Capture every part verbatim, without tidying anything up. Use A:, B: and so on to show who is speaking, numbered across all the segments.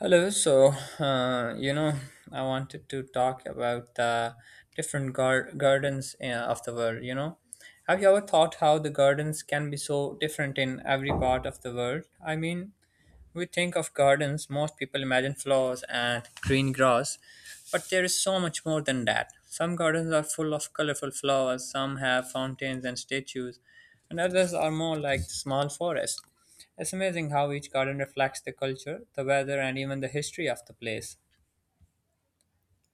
A: Hello, so uh, you know, I wanted to talk about the different gar- gardens uh, of the world. You know, have you ever thought how the gardens can be so different in every part of the world? I mean, we think of gardens, most people imagine flowers and green grass, but there is so much more than that. Some gardens are full of colorful flowers, some have fountains and statues, and others are more like small forests. It's amazing how each garden reflects the culture, the weather, and even the history of the place.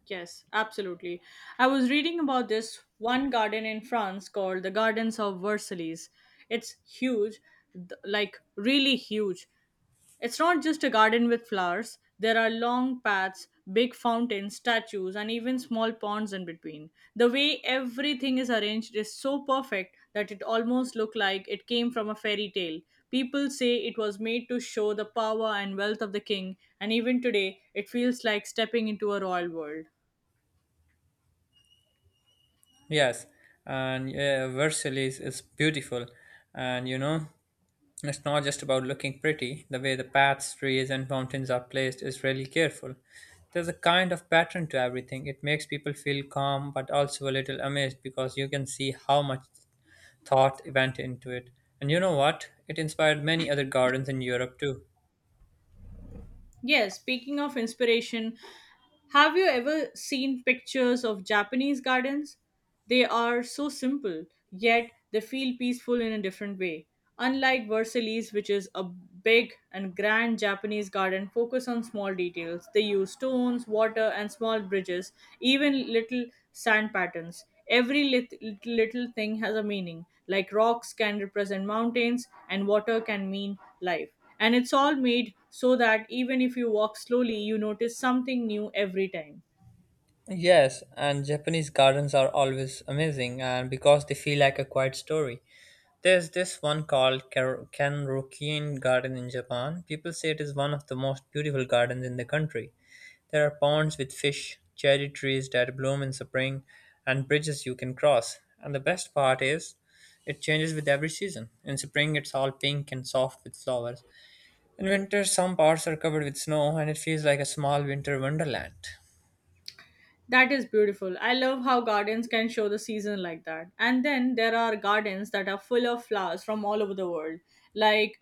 B: Yes, absolutely. I was reading about this one garden in France called the Gardens of Versailles. It's huge, th- like really huge. It's not just a garden with flowers, there are long paths, big fountains, statues, and even small ponds in between. The way everything is arranged is so perfect that it almost looked like it came from a fairy tale. People say it was made to show the power and wealth of the king, and even today it feels like stepping into a royal world.
A: Yes, and yeah, Versailles is beautiful, and you know. It's not just about looking pretty. The way the paths, trees, and mountains are placed is really careful. There's a kind of pattern to everything. It makes people feel calm but also a little amazed because you can see how much thought went into it. And you know what? It inspired many other gardens in Europe too.
B: Yes, speaking of inspiration, have you ever seen pictures of Japanese gardens? They are so simple, yet they feel peaceful in a different way. Unlike Versailles, which is a big and grand Japanese garden, focus on small details. They use stones, water, and small bridges, even little sand patterns. Every lit- little, little thing has a meaning, like rocks can represent mountains, and water can mean life. And it's all made so that even if you walk slowly, you notice something new every time.
A: Yes, and Japanese gardens are always amazing and because they feel like a quiet story. There's this one called Kar- Kenrokuin Garden in Japan. People say it is one of the most beautiful gardens in the country. There are ponds with fish, cherry trees that bloom in spring, and bridges you can cross. And the best part is, it changes with every season. In spring, it's all pink and soft with flowers. In winter, some parts are covered with snow, and it feels like a small winter wonderland.
B: That is beautiful. I love how gardens can show the season like that. And then there are gardens that are full of flowers from all over the world, like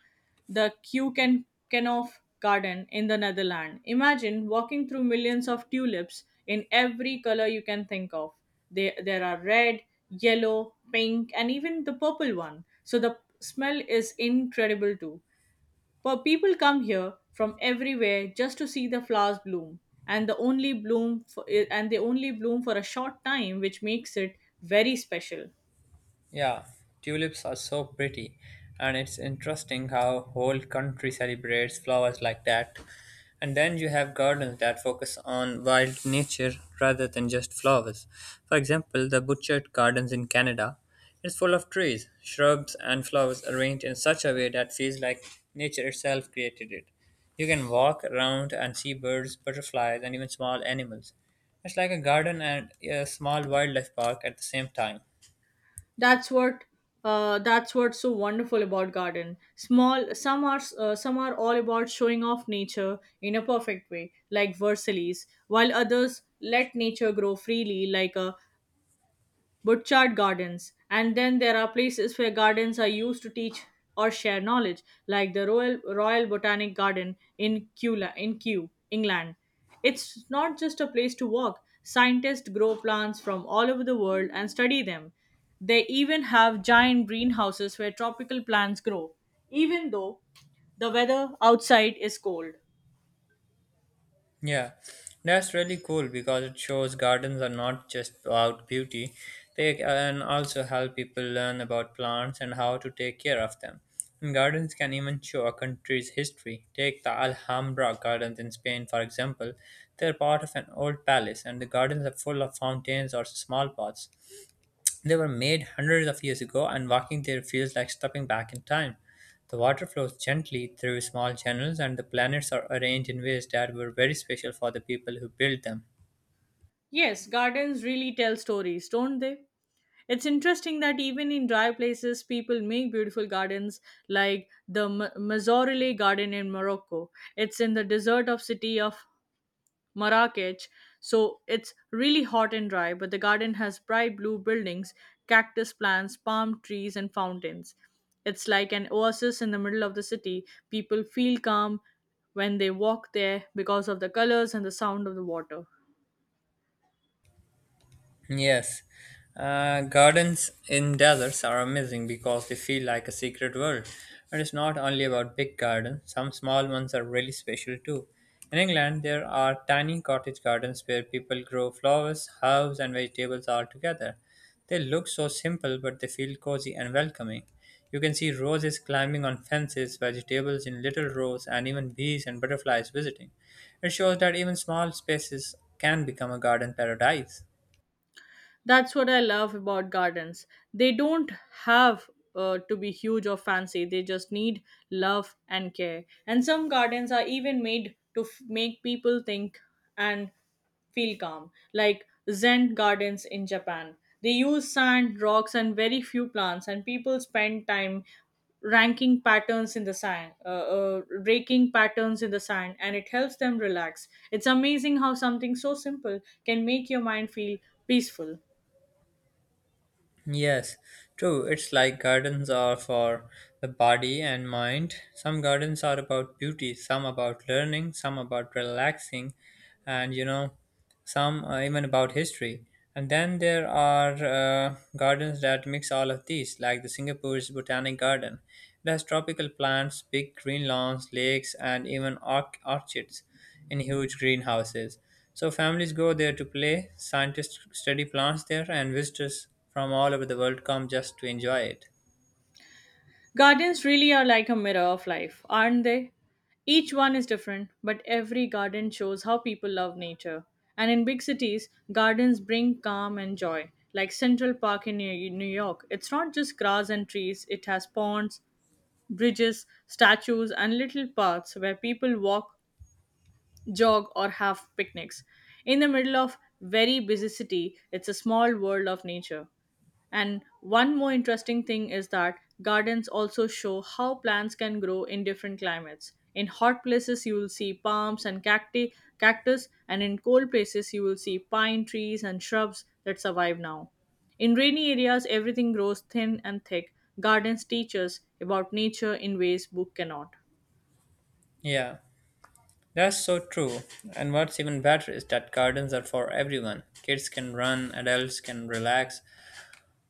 B: the Kuken Kenhof Garden in the Netherlands. Imagine walking through millions of tulips in every color you can think of. They there are red, yellow, pink, and even the purple one. So the smell is incredible too. But people come here from everywhere just to see the flowers bloom, and the only bloom for, and they only bloom for a short time, which makes it very special.
A: Yeah, tulips are so pretty, and it's interesting how whole country celebrates flowers like that. And then you have gardens that focus on wild nature rather than just flowers. For example, the Butchart Gardens in Canada is full of trees, shrubs, and flowers arranged in such a way that feels like nature itself created it. You can walk around and see birds, butterflies, and even small animals. It's like a garden and a small wildlife park at the same time.
B: That's what uh, that's what's so wonderful about garden. Small some are uh, some are all about showing off nature in a perfect way, like Versailles, while others let nature grow freely, like a Burchard Gardens. And then there are places where gardens are used to teach or share knowledge, like the Royal, Royal Botanic Garden in Kew, la- in Kew, England. It's not just a place to walk. Scientists grow plants from all over the world and study them. They even have giant greenhouses where tropical plants grow, even though the weather outside is cold.
A: Yeah, that's really cool because it shows gardens are not just about beauty, they can also help people learn about plants and how to take care of them. And gardens can even show a country's history. Take the Alhambra gardens in Spain, for example. They're part of an old palace, and the gardens are full of fountains or small pots. They were made hundreds of years ago, and walking there feels like stepping back in time. The water flows gently through small channels, and the planets are arranged in ways that were very special for the people who built them.
B: Yes, gardens really tell stories, don't they? It's interesting that even in dry places, people make beautiful gardens like the M- Mazorele garden in Morocco. It's in the desert of city of Marrakech, so it's really hot and dry, but the garden has bright blue buildings, cactus plants, palm trees, and fountains. It's like an oasis in the middle of the city. People feel calm when they walk there because of the colors and the sound of the water.
A: Yes, uh, gardens in deserts are amazing because they feel like a secret world. But it's not only about big gardens, some small ones are really special too. In England, there are tiny cottage gardens where people grow flowers, herbs, and vegetables all together. They look so simple, but they feel cozy and welcoming. You can see roses climbing on fences, vegetables in little rows, and even bees and butterflies visiting. It shows that even small spaces can become a garden paradise.
B: That's what I love about gardens. They don't have uh, to be huge or fancy. They just need love and care. And some gardens are even made to f- make people think and feel calm, like Zen gardens in Japan. They use sand, rocks, and very few plants, and people spend time ranking patterns in the sand, uh, uh, raking patterns in the sand, and it helps them relax. It's amazing how something so simple can make your mind feel peaceful.
A: Yes, true. It's like gardens are for the body and mind. Some gardens are about beauty, some about learning, some about relaxing, and you know, some uh, even about history. And then there are uh, gardens that mix all of these, like the Singapore's Botanic Garden. It has tropical plants, big green lawns, lakes, and even orch- orchids in huge greenhouses. So families go there to play, scientists study plants there, and visitors from all over the world come just to enjoy it.
B: Gardens really are like a mirror of life, aren't they? Each one is different, but every garden shows how people love nature. And in big cities, gardens bring calm and joy. Like Central Park in New New York, it's not just grass and trees, it has ponds, bridges, statues, and little paths where people walk, jog, or have picnics. In the middle of very busy city, it's a small world of nature. And one more interesting thing is that gardens also show how plants can grow in different climates. In hot places, you will see palms and cacti, cactus, and in cold places, you will see pine trees and shrubs that survive now. In rainy areas, everything grows thin and thick. Gardens teach us about nature in ways book cannot.
A: Yeah, that's so true. And what's even better is that gardens are for everyone. Kids can run, adults can relax,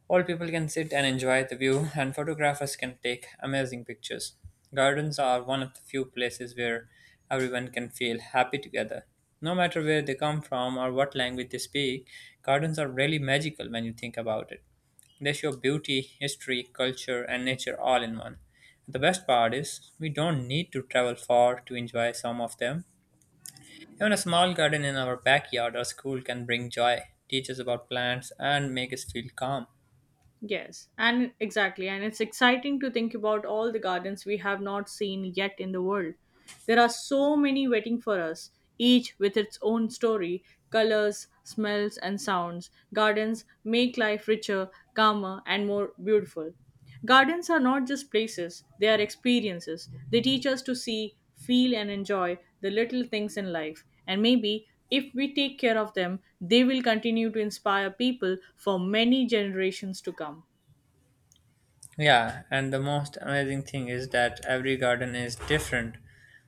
A: all people can sit and enjoy the view, and photographers can take amazing pictures. Gardens are one of the few places where everyone can feel happy together. No matter where they come from or what language they speak, gardens are really magical when you think about it. They show beauty, history, culture, and nature all in one. The best part is, we don't need to travel far to enjoy some of them. Even a small garden in our backyard or school can bring joy, teach us about plants, and make us feel calm.
B: Yes, and exactly. And it's exciting to think about all the gardens we have not seen yet in the world. There are so many waiting for us, each with its own story, colors, smells, and sounds. Gardens make life richer, calmer, and more beautiful. Gardens are not just places, they are experiences. They teach us to see, feel, and enjoy the little things in life. And maybe if we take care of them, they will continue to inspire people for many generations to come.
A: Yeah, and the most amazing thing is that every garden is different.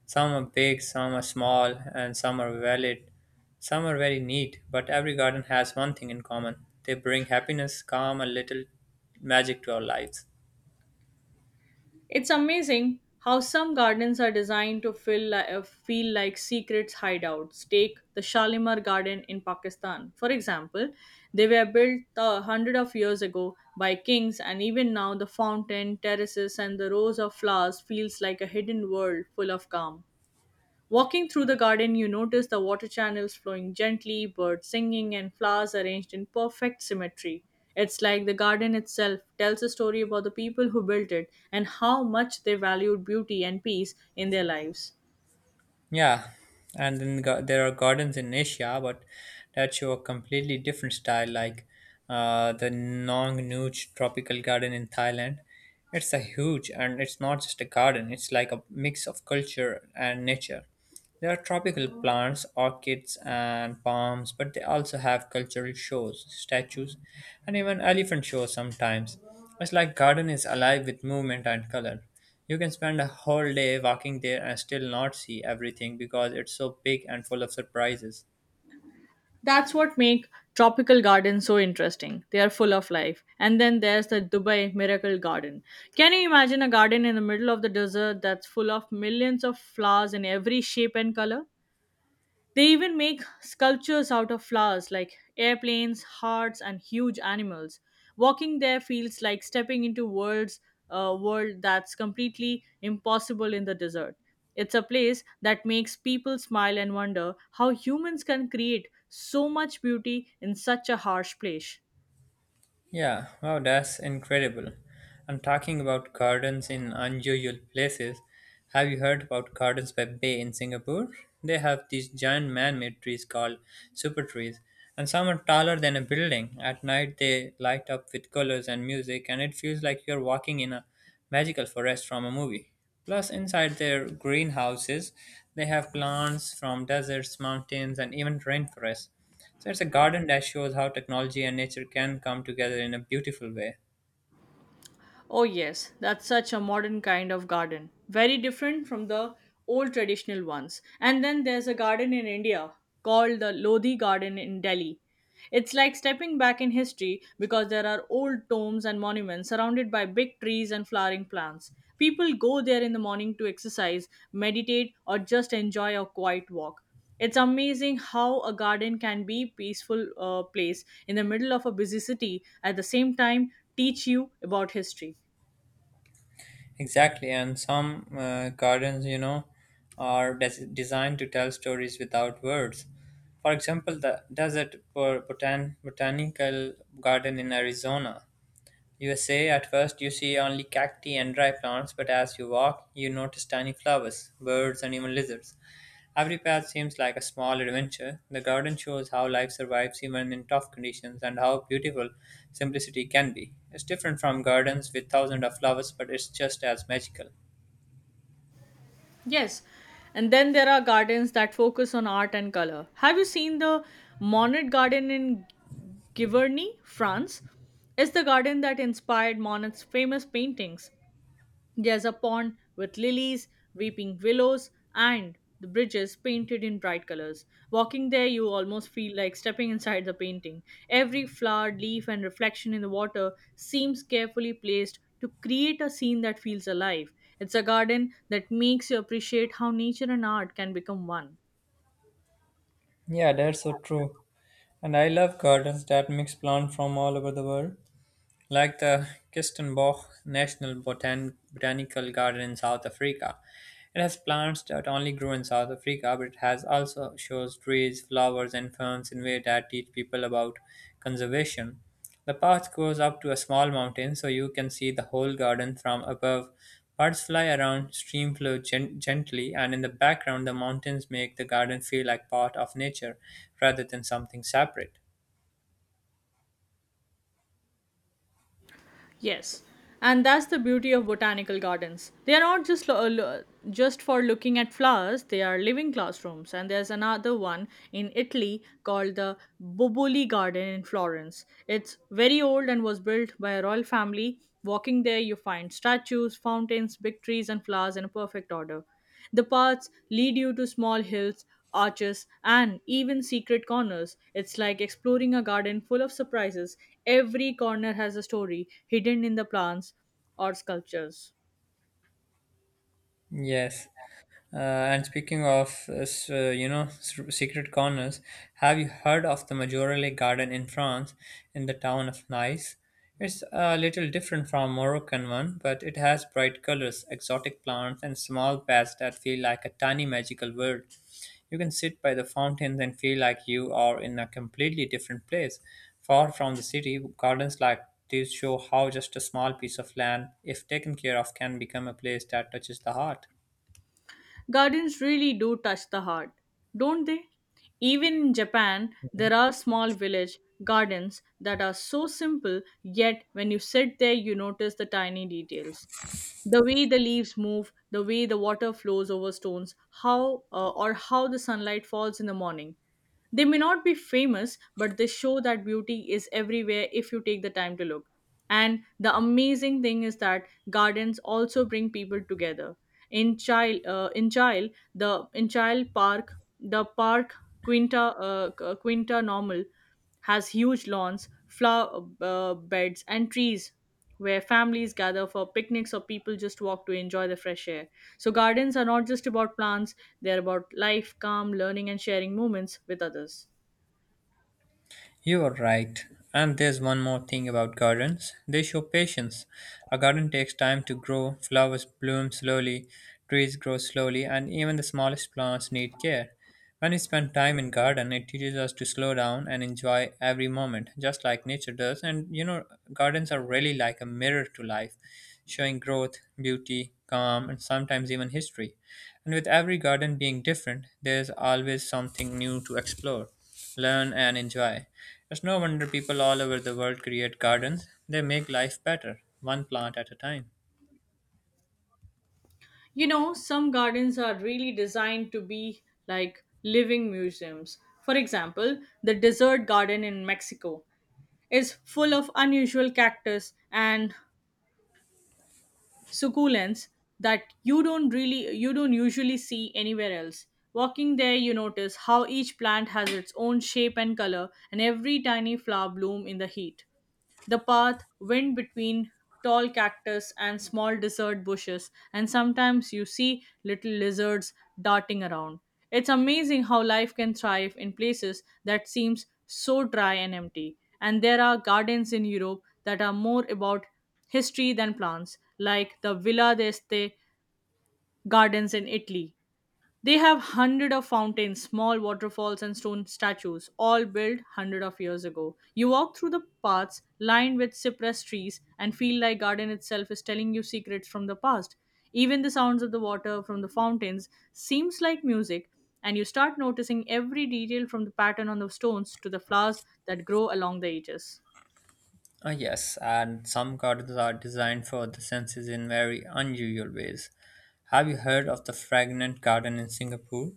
A: Some are big, some are small, and some are valid. Some are very neat, but every garden has one thing in common. They bring happiness, calm, and little magic to our lives.
B: It's amazing how some gardens are designed to feel, li- uh, feel like secret hideouts. Take the Shalimar Garden in Pakistan, for example. They were built a hundred of years ago by kings, and even now the fountain, terraces, and the rows of flowers feels like a hidden world full of calm. Walking through the garden, you notice the water channels flowing gently, birds singing, and flowers arranged in perfect symmetry. It's like the garden itself tells a story about the people who built it and how much they valued beauty and peace in their lives.
A: Yeah, and then ga- there are gardens in Asia, but that show a completely different style, like uh, the Nong Nuch Tropical Garden in Thailand. It's a huge, and it's not just a garden; it's like a mix of culture and nature. There are tropical plants, orchids, and palms, but they also have cultural shows, statues, and even elephant shows sometimes. It's like garden is alive with movement and color. You can spend a whole day walking there and still not see everything because it's so big and full of surprises.
B: That's what makes tropical gardens so interesting. They are full of life. And then there's the Dubai Miracle Garden. Can you imagine a garden in the middle of the desert that's full of millions of flowers in every shape and color? They even make sculptures out of flowers like airplanes, hearts, and huge animals. Walking there feels like stepping into worlds a world that's completely impossible in the desert. It's a place that makes people smile and wonder how humans can create so much beauty in such a harsh place.
A: Yeah, wow, that's incredible. And talking about gardens in unusual places, have you heard about Gardens by Bay in Singapore? They have these giant man made trees called super trees, and some are taller than a building. At night, they light up with colors and music, and it feels like you're walking in a magical forest from a movie. Plus, inside their greenhouses, they have plants from deserts, mountains, and even rainforests. So, it's a garden that shows how technology and nature can come together in a beautiful way.
B: Oh, yes, that's such a modern kind of garden. Very different from the old traditional ones. And then there's a garden in India called the Lodhi Garden in Delhi. It's like stepping back in history because there are old tombs and monuments surrounded by big trees and flowering plants. People go there in the morning to exercise, meditate, or just enjoy a quiet walk. It's amazing how a garden can be peaceful uh, place in the middle of a busy city at the same time teach you about history.
A: Exactly, and some uh, gardens, you know, are des- designed to tell stories without words. For example, the Desert Bo- Botan- Botanical Garden in Arizona. You say at first you see only cacti and dry plants, but as you walk, you notice tiny flowers, birds, and even lizards. Every path seems like a small adventure. The garden shows how life survives even in tough conditions and how beautiful simplicity can be. It's different from gardens with thousands of flowers, but it's just as magical.
B: Yes, and then there are gardens that focus on art and color. Have you seen the Monet Garden in Giverny, France? It's the garden that inspired Monet's famous paintings. There's a pond with lilies, weeping willows, and the bridges painted in bright colors. Walking there, you almost feel like stepping inside the painting. Every flower, leaf, and reflection in the water seems carefully placed to create a scene that feels alive. It's a garden that makes you appreciate how nature and art can become one.
A: Yeah, that's so true. And I love gardens that mix plants from all over the world, like the Kirstenbosch National Botan- Botanical Garden in South Africa. It has plants that only grow in South Africa, but it has also shows trees, flowers, and ferns in ways that teach people about conservation. The path goes up to a small mountain, so you can see the whole garden from above. Birds fly around, stream flow gen- gently, and in the background, the mountains make the garden feel like part of nature rather than something separate.
B: Yes, and that's the beauty of botanical gardens. They are not just lo- uh, lo- just for looking at flowers; they are living classrooms. And there's another one in Italy called the Boboli Garden in Florence. It's very old and was built by a royal family. Walking there, you find statues, fountains, big trees, and flowers in a perfect order. The paths lead you to small hills, arches, and even secret corners. It's like exploring a garden full of surprises. Every corner has a story hidden in the plants or sculptures.
A: Yes. Uh, and speaking of, uh, s- uh, you know, s- secret corners, have you heard of the Majorelle garden in France, in the town of Nice? It's a little different from Moroccan one, but it has bright colors, exotic plants, and small paths that feel like a tiny magical world. You can sit by the fountains and feel like you are in a completely different place, far from the city. Gardens like these show how just a small piece of land, if taken care of, can become a place that touches the heart.
B: Gardens really do touch the heart, don't they? Even in Japan, there are small village gardens that are so simple, yet when you sit there, you notice the tiny details. The way the leaves move, the way the water flows over stones, how uh, or how the sunlight falls in the morning. They may not be famous, but they show that beauty is everywhere if you take the time to look. And the amazing thing is that gardens also bring people together. In child uh, in child the in child park the park, quinta uh, Qu- uh, quinta normal has huge lawns, flower uh, beds, and trees where families gather for picnics or people just walk to enjoy the fresh air. So, gardens are not just about plants, they're about life, calm, learning, and sharing moments with others.
A: You are right. And there's one more thing about gardens. They show patience. A garden takes time to grow, flowers bloom slowly, trees grow slowly, and even the smallest plants need care. When we spend time in garden, it teaches us to slow down and enjoy every moment, just like nature does. And you know, gardens are really like a mirror to life, showing growth, beauty, calm, and sometimes even history. And with every garden being different, there's always something new to explore, learn, and enjoy. It's no wonder people all over the world create gardens. They make life better, one plant at a time.
B: You know, some gardens are really designed to be like living museums. For example, the desert garden in Mexico is full of unusual cactus and succulents that you don't really you don't usually see anywhere else. Walking there, you notice how each plant has its own shape and color, and every tiny flower bloom in the heat. The path went between tall cactus and small desert bushes, and sometimes you see little lizards darting around. It's amazing how life can thrive in places that seems so dry and empty. And there are gardens in Europe that are more about history than plants, like the Villa d'Este gardens in Italy. They have hundred of fountains, small waterfalls, and stone statues, all built hundred of years ago. You walk through the paths lined with cypress trees and feel like garden itself is telling you secrets from the past. Even the sounds of the water from the fountains seems like music, and you start noticing every detail from the pattern on the stones to the flowers that grow along the edges.
A: Ah, yes, and some gardens are designed for the senses in very unusual ways. Have you heard of the fragrant garden in Singapore?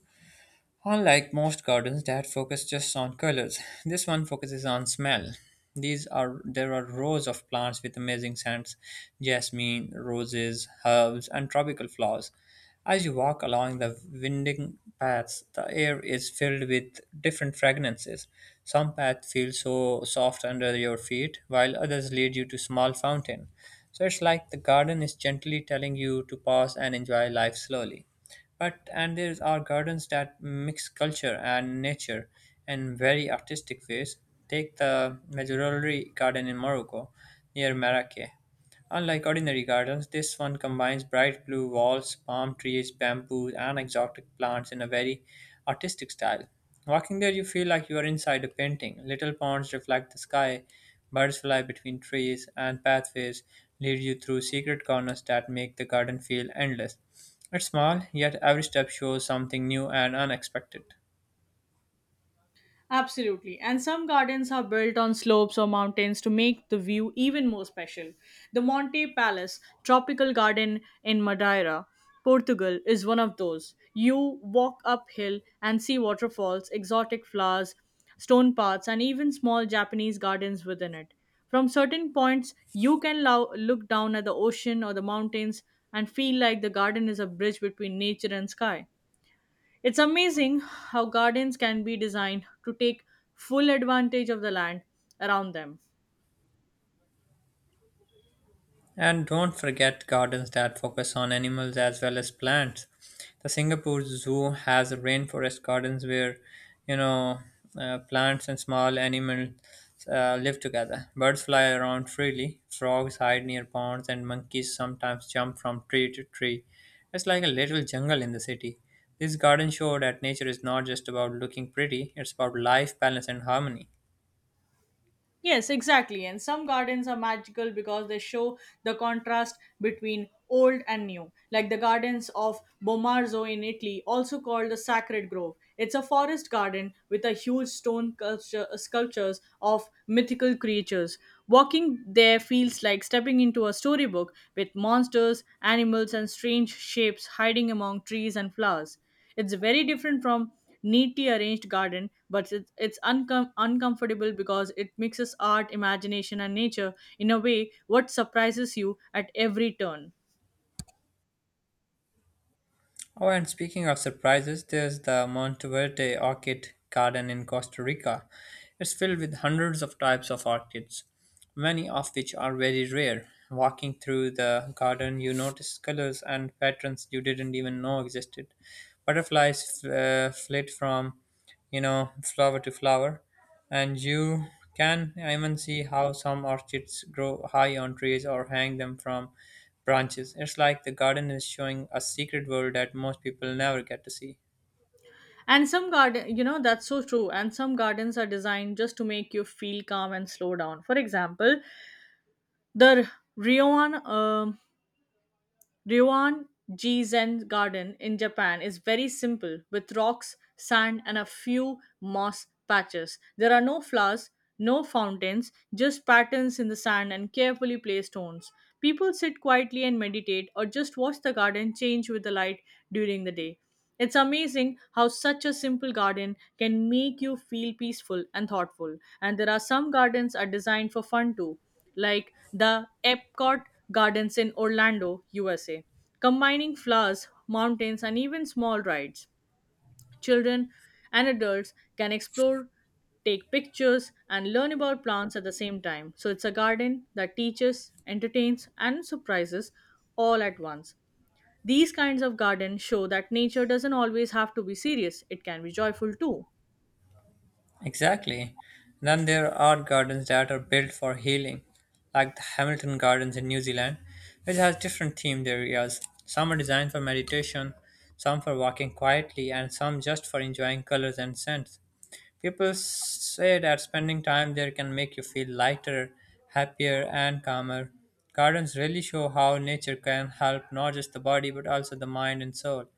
A: Unlike most gardens that focus just on colors, this one focuses on smell. These are there are rows of plants with amazing scents, jasmine, roses, herbs, and tropical flowers. As you walk along the winding paths, the air is filled with different fragrances. Some paths feel so soft under your feet, while others lead you to small fountain. So it's like the garden is gently telling you to pause and enjoy life slowly. But and there are gardens that mix culture and nature in very artistic ways. Take the Majorelli garden in Morocco near Marrakech. Unlike ordinary gardens, this one combines bright blue walls, palm trees, bamboo, and exotic plants in a very artistic style. Walking there, you feel like you are inside a painting. Little ponds reflect the sky, birds fly between trees, and pathways lead you through secret corners that make the garden feel endless. It's small, yet every step shows something new and unexpected.
B: Absolutely. And some gardens are built on slopes or mountains to make the view even more special. The Monte Palace Tropical Garden in Madeira, Portugal, is one of those. You walk uphill and see waterfalls, exotic flowers, stone paths, and even small Japanese gardens within it. From certain points, you can lo- look down at the ocean or the mountains and feel like the garden is a bridge between nature and sky. It's amazing how gardens can be designed to take full advantage of the land around them.
A: And don't forget gardens that focus on animals as well as plants. The Singapore Zoo has rainforest gardens where, you know, uh, plants and small animals uh, live together. Birds fly around freely, frogs hide near ponds, and monkeys sometimes jump from tree to tree. It's like a little jungle in the city. These gardens show that nature is not just about looking pretty, it's about life, balance, and harmony.
B: Yes, exactly. And some gardens are magical because they show the contrast between old and new, like the gardens of Bomarzo in Italy, also called the Sacred Grove. It's a forest garden with a huge stone culture, sculptures of mythical creatures. Walking there feels like stepping into a storybook with monsters, animals, and strange shapes hiding among trees and flowers. It's very different from neatly arranged garden, but it's, it's uncom- uncomfortable because it mixes art, imagination, and nature in a way what surprises you at every turn.
A: Oh, and speaking of surprises, there's the Monteverde Orchid Garden in Costa Rica. It's filled with hundreds of types of orchids, many of which are very rare. Walking through the garden, you notice colors and patterns you didn't even know existed. Butterflies uh, flit from, you know, flower to flower, and you can even see how some orchids grow high on trees or hang them from branches. It's like the garden is showing a secret world that most people never get to see.
B: And some garden, you know, that's so true. And some gardens are designed just to make you feel calm and slow down. For example, the Rioan um, Ryoan Ji Zen Garden in Japan is very simple with rocks, sand, and a few moss patches. There are no flowers, no fountains, just patterns in the sand and carefully placed stones. People sit quietly and meditate or just watch the garden change with the light during the day. It's amazing how such a simple garden can make you feel peaceful and thoughtful. And there are some gardens are designed for fun too, like the Epcot Gardens in Orlando, U S A, combining flowers, mountains, and even small rides. Children and adults can explore, take pictures, and learn about plants at the same time. So it's a garden that teaches, entertains, and surprises all at once. These kinds of gardens show that nature doesn't always have to be serious, it can be joyful too.
A: Exactly. Then there are gardens that are built for healing, like the Hamilton Gardens in New Zealand, which has different themed areas. Some are designed for meditation, some for walking quietly, and some just for enjoying colors and scents. People say that spending time there can make you feel lighter, happier, and calmer. Gardens really show how nature can help not just the body but also the mind and soul.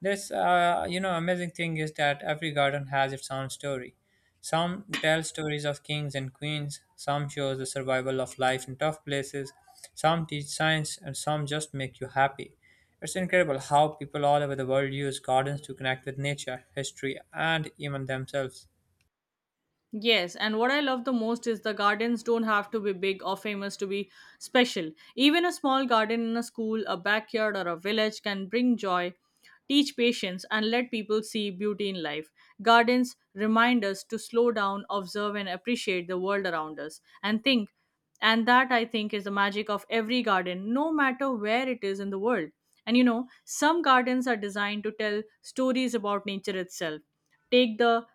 A: This, uh, you know, amazing thing is that every garden has its own story. Some tell stories of kings and queens, some shows the survival of life in tough places, some teach science, and some just make you happy. It's incredible how people all over the world use gardens to connect with nature, history, and even themselves.
B: Yes, and what I love the most is the gardens don't have to be big or famous to be special. Even a small garden in a school, a backyard, or a village can bring joy, teach patience, and let people see beauty in life. Gardens remind us to slow down, observe, and appreciate the world around us, and think. And that I think is the magic of every garden, no matter where it is in the world. And you know, some gardens are designed to tell stories about nature itself. Take the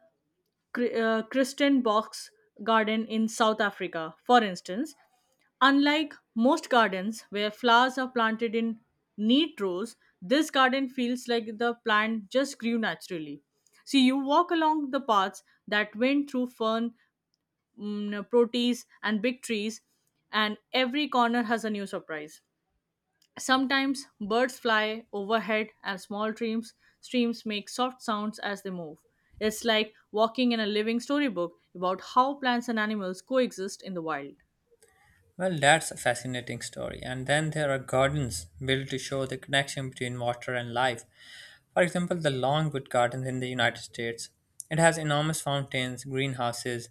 B: Chr- uh, Christian box garden in South Africa, for instance. Unlike most gardens where flowers are planted in neat rows, this garden feels like the plant just grew naturally. See, you walk along the paths that went through fern, mm, proteas, and big trees, and every corner has a new surprise. Sometimes birds fly overhead and small streams, streams make soft sounds as they move. It's like walking in a living storybook about how plants and animals coexist in the wild.
A: Well, that's a fascinating story. And then there are gardens built to show the connection between water and life. For example, the Longwood Gardens in the United States. It has enormous fountains, greenhouses,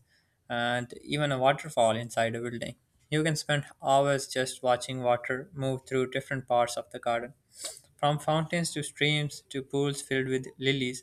A: and even a waterfall inside a building. You can spend hours just watching water move through different parts of the garden. From fountains to streams to pools filled with lilies,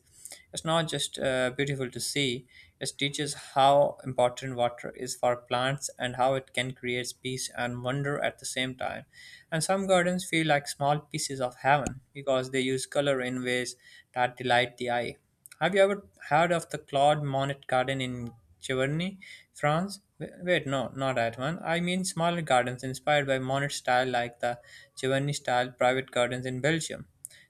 A: it's not just uh, beautiful to see, it teaches how important water is for plants and how it can create peace and wonder at the same time. And some gardens feel like small pieces of heaven because they use color in ways that delight the eye. Have you ever heard of the Claude Monet Garden in Giverny, France? W- Wait, no, not that one. I mean smaller gardens inspired by Monet style, like the Giverny style private gardens in Belgium.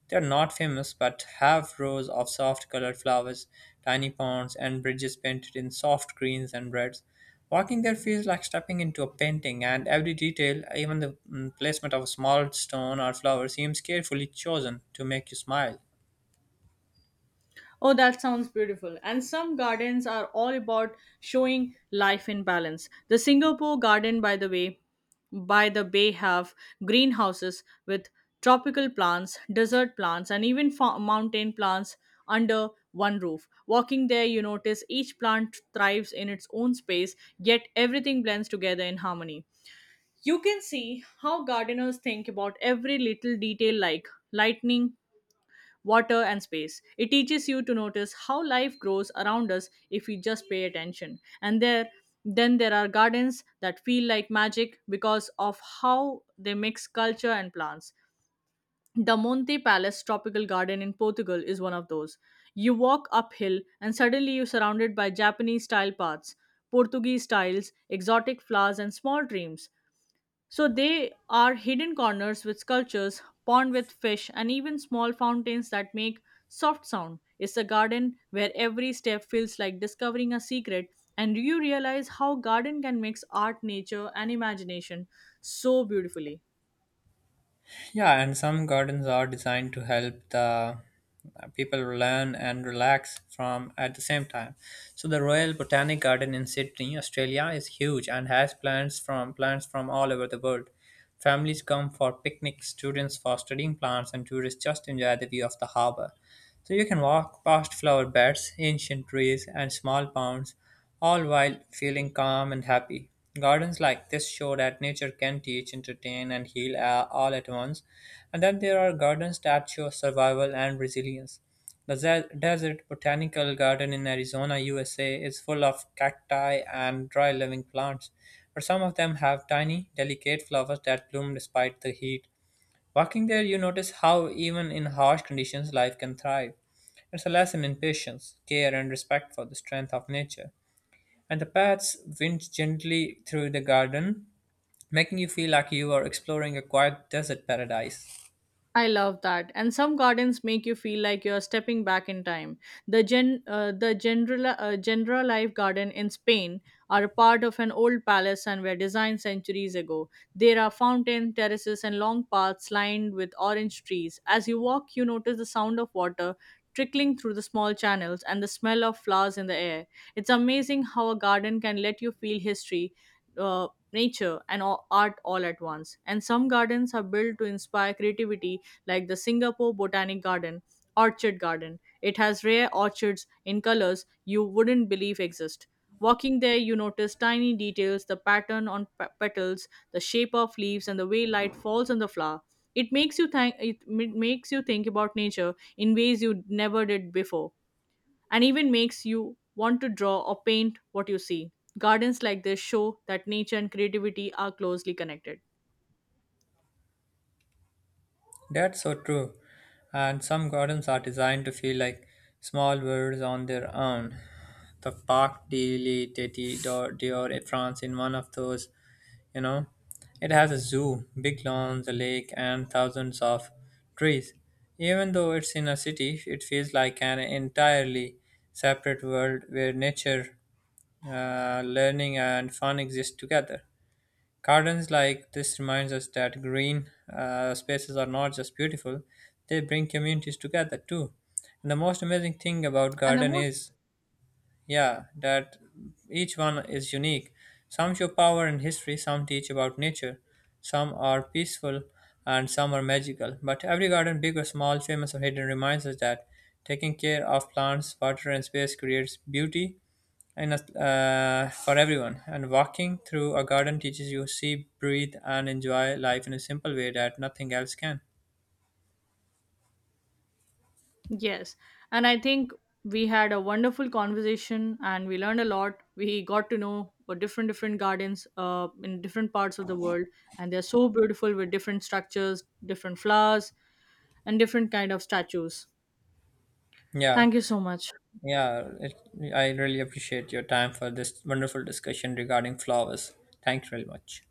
A: They are not famous but have rows of soft colored flowers, tiny ponds, and bridges painted in soft greens and reds. Walking there feels like stepping into a painting, and every detail, even the mm, placement of a small stone or flower, seems carefully chosen to make you smile.
B: Oh, that sounds beautiful. And some gardens are all about showing life in balance. The Singapore garden, by the way, by the bay have greenhouses with tropical plants, desert plants, and even fa- mountain plants under one roof. Walking there, you notice each plant thrives in its own space, yet everything blends together in harmony. You can see how gardeners think about every little detail like lightning, water, and space. It teaches you to notice how life grows around us if we just pay attention. And there, then there are gardens that feel like magic because of how they mix culture and plants. The Monte Palace Tropical Garden in Portugal is one of those. You walk uphill and suddenly you're surrounded by Japanese style paths, Portuguese tiles, exotic flowers, and small dreams. So they are hidden corners with sculptures, pond with fish, and even small fountains that make soft sound. It's a garden where every step feels like discovering a secret, and you realize how garden can mix art, nature, and imagination so beautifully.
A: Yeah, and some gardens are designed to help the people learn and relax from at the same time. So the Royal Botanic Garden in Sydney, Australia is huge and has plants from plants from all over the world. Families come for picnics, students for studying plants and tourists just enjoy the view of the harbor. So you can walk past flower beds, ancient trees, and small ponds, all while feeling calm and happy. Gardens like this show that nature can teach, entertain, and heal a- all at once, and that there are gardens that show survival and resilience. The Ze- Desert Botanical Garden in Arizona, U S A is full of cacti and dry living plants, but some of them have tiny, delicate flowers that bloom despite the heat. Walking there, you notice how, even in harsh conditions, life can thrive. It's a lesson in patience, care, and respect for the strength of nature. And the paths wind gently through the garden, making you feel like you are exploring a quiet desert paradise.
B: I love that. And some gardens make you feel like you're stepping back in time. The gen, uh, the general, uh, general life garden in Spain are a part of an old palace and were designed centuries ago. There are fountain terraces and long paths lined with orange trees. As you walk, you notice the sound of water trickling through the small channels and the smell of flowers in the air. It's amazing how a garden can let you feel history. Uh, Nature and a- art all at once, and some gardens are built to inspire creativity like the Singapore Botanic Garden, Orchid Garden. It has rare orchids in colors you wouldn't believe exist. Walking there, you notice tiny details, the pattern on pe- petals, the shape of leaves, and the way light falls on the flower. It makes you think. It m- makes you think about nature in ways you never did before, and even makes you want to draw or paint what you see. Gardens like this show that nature and creativity are closely connected.
A: That's so true. And some gardens are designed to feel like small worlds on their own. The Parc de l'État d'Or d'Or in France in one of those, you know, it has a zoo, big lawns, a lake, and thousands of trees. Even though it's in a city, it feels like an entirely separate world where nature, uh, learning, and fun exist together. Gardens like this reminds us that green uh, spaces are not just beautiful, they bring communities together too. And the most amazing thing about
B: And the
A: garden
B: most
A: is, yeah, that each one is unique. Some show power and history, some teach about nature, some are peaceful and some are magical. But every garden, big or small, famous or hidden, reminds us that taking care of plants, water and space creates beauty and uh, for everyone. And walking through a garden teaches you see, breathe, and enjoy life in a simple way that nothing else can.
B: Yes. And I think we had a wonderful conversation and we learned a lot. We got to know what different different gardens uh, in different parts of the world and they're so beautiful with different structures, different flowers and different kind of statues.
A: Yeah,
B: Thank you so much.
A: yeah. It, I really appreciate your time for this wonderful discussion regarding flowers. Thanks very much.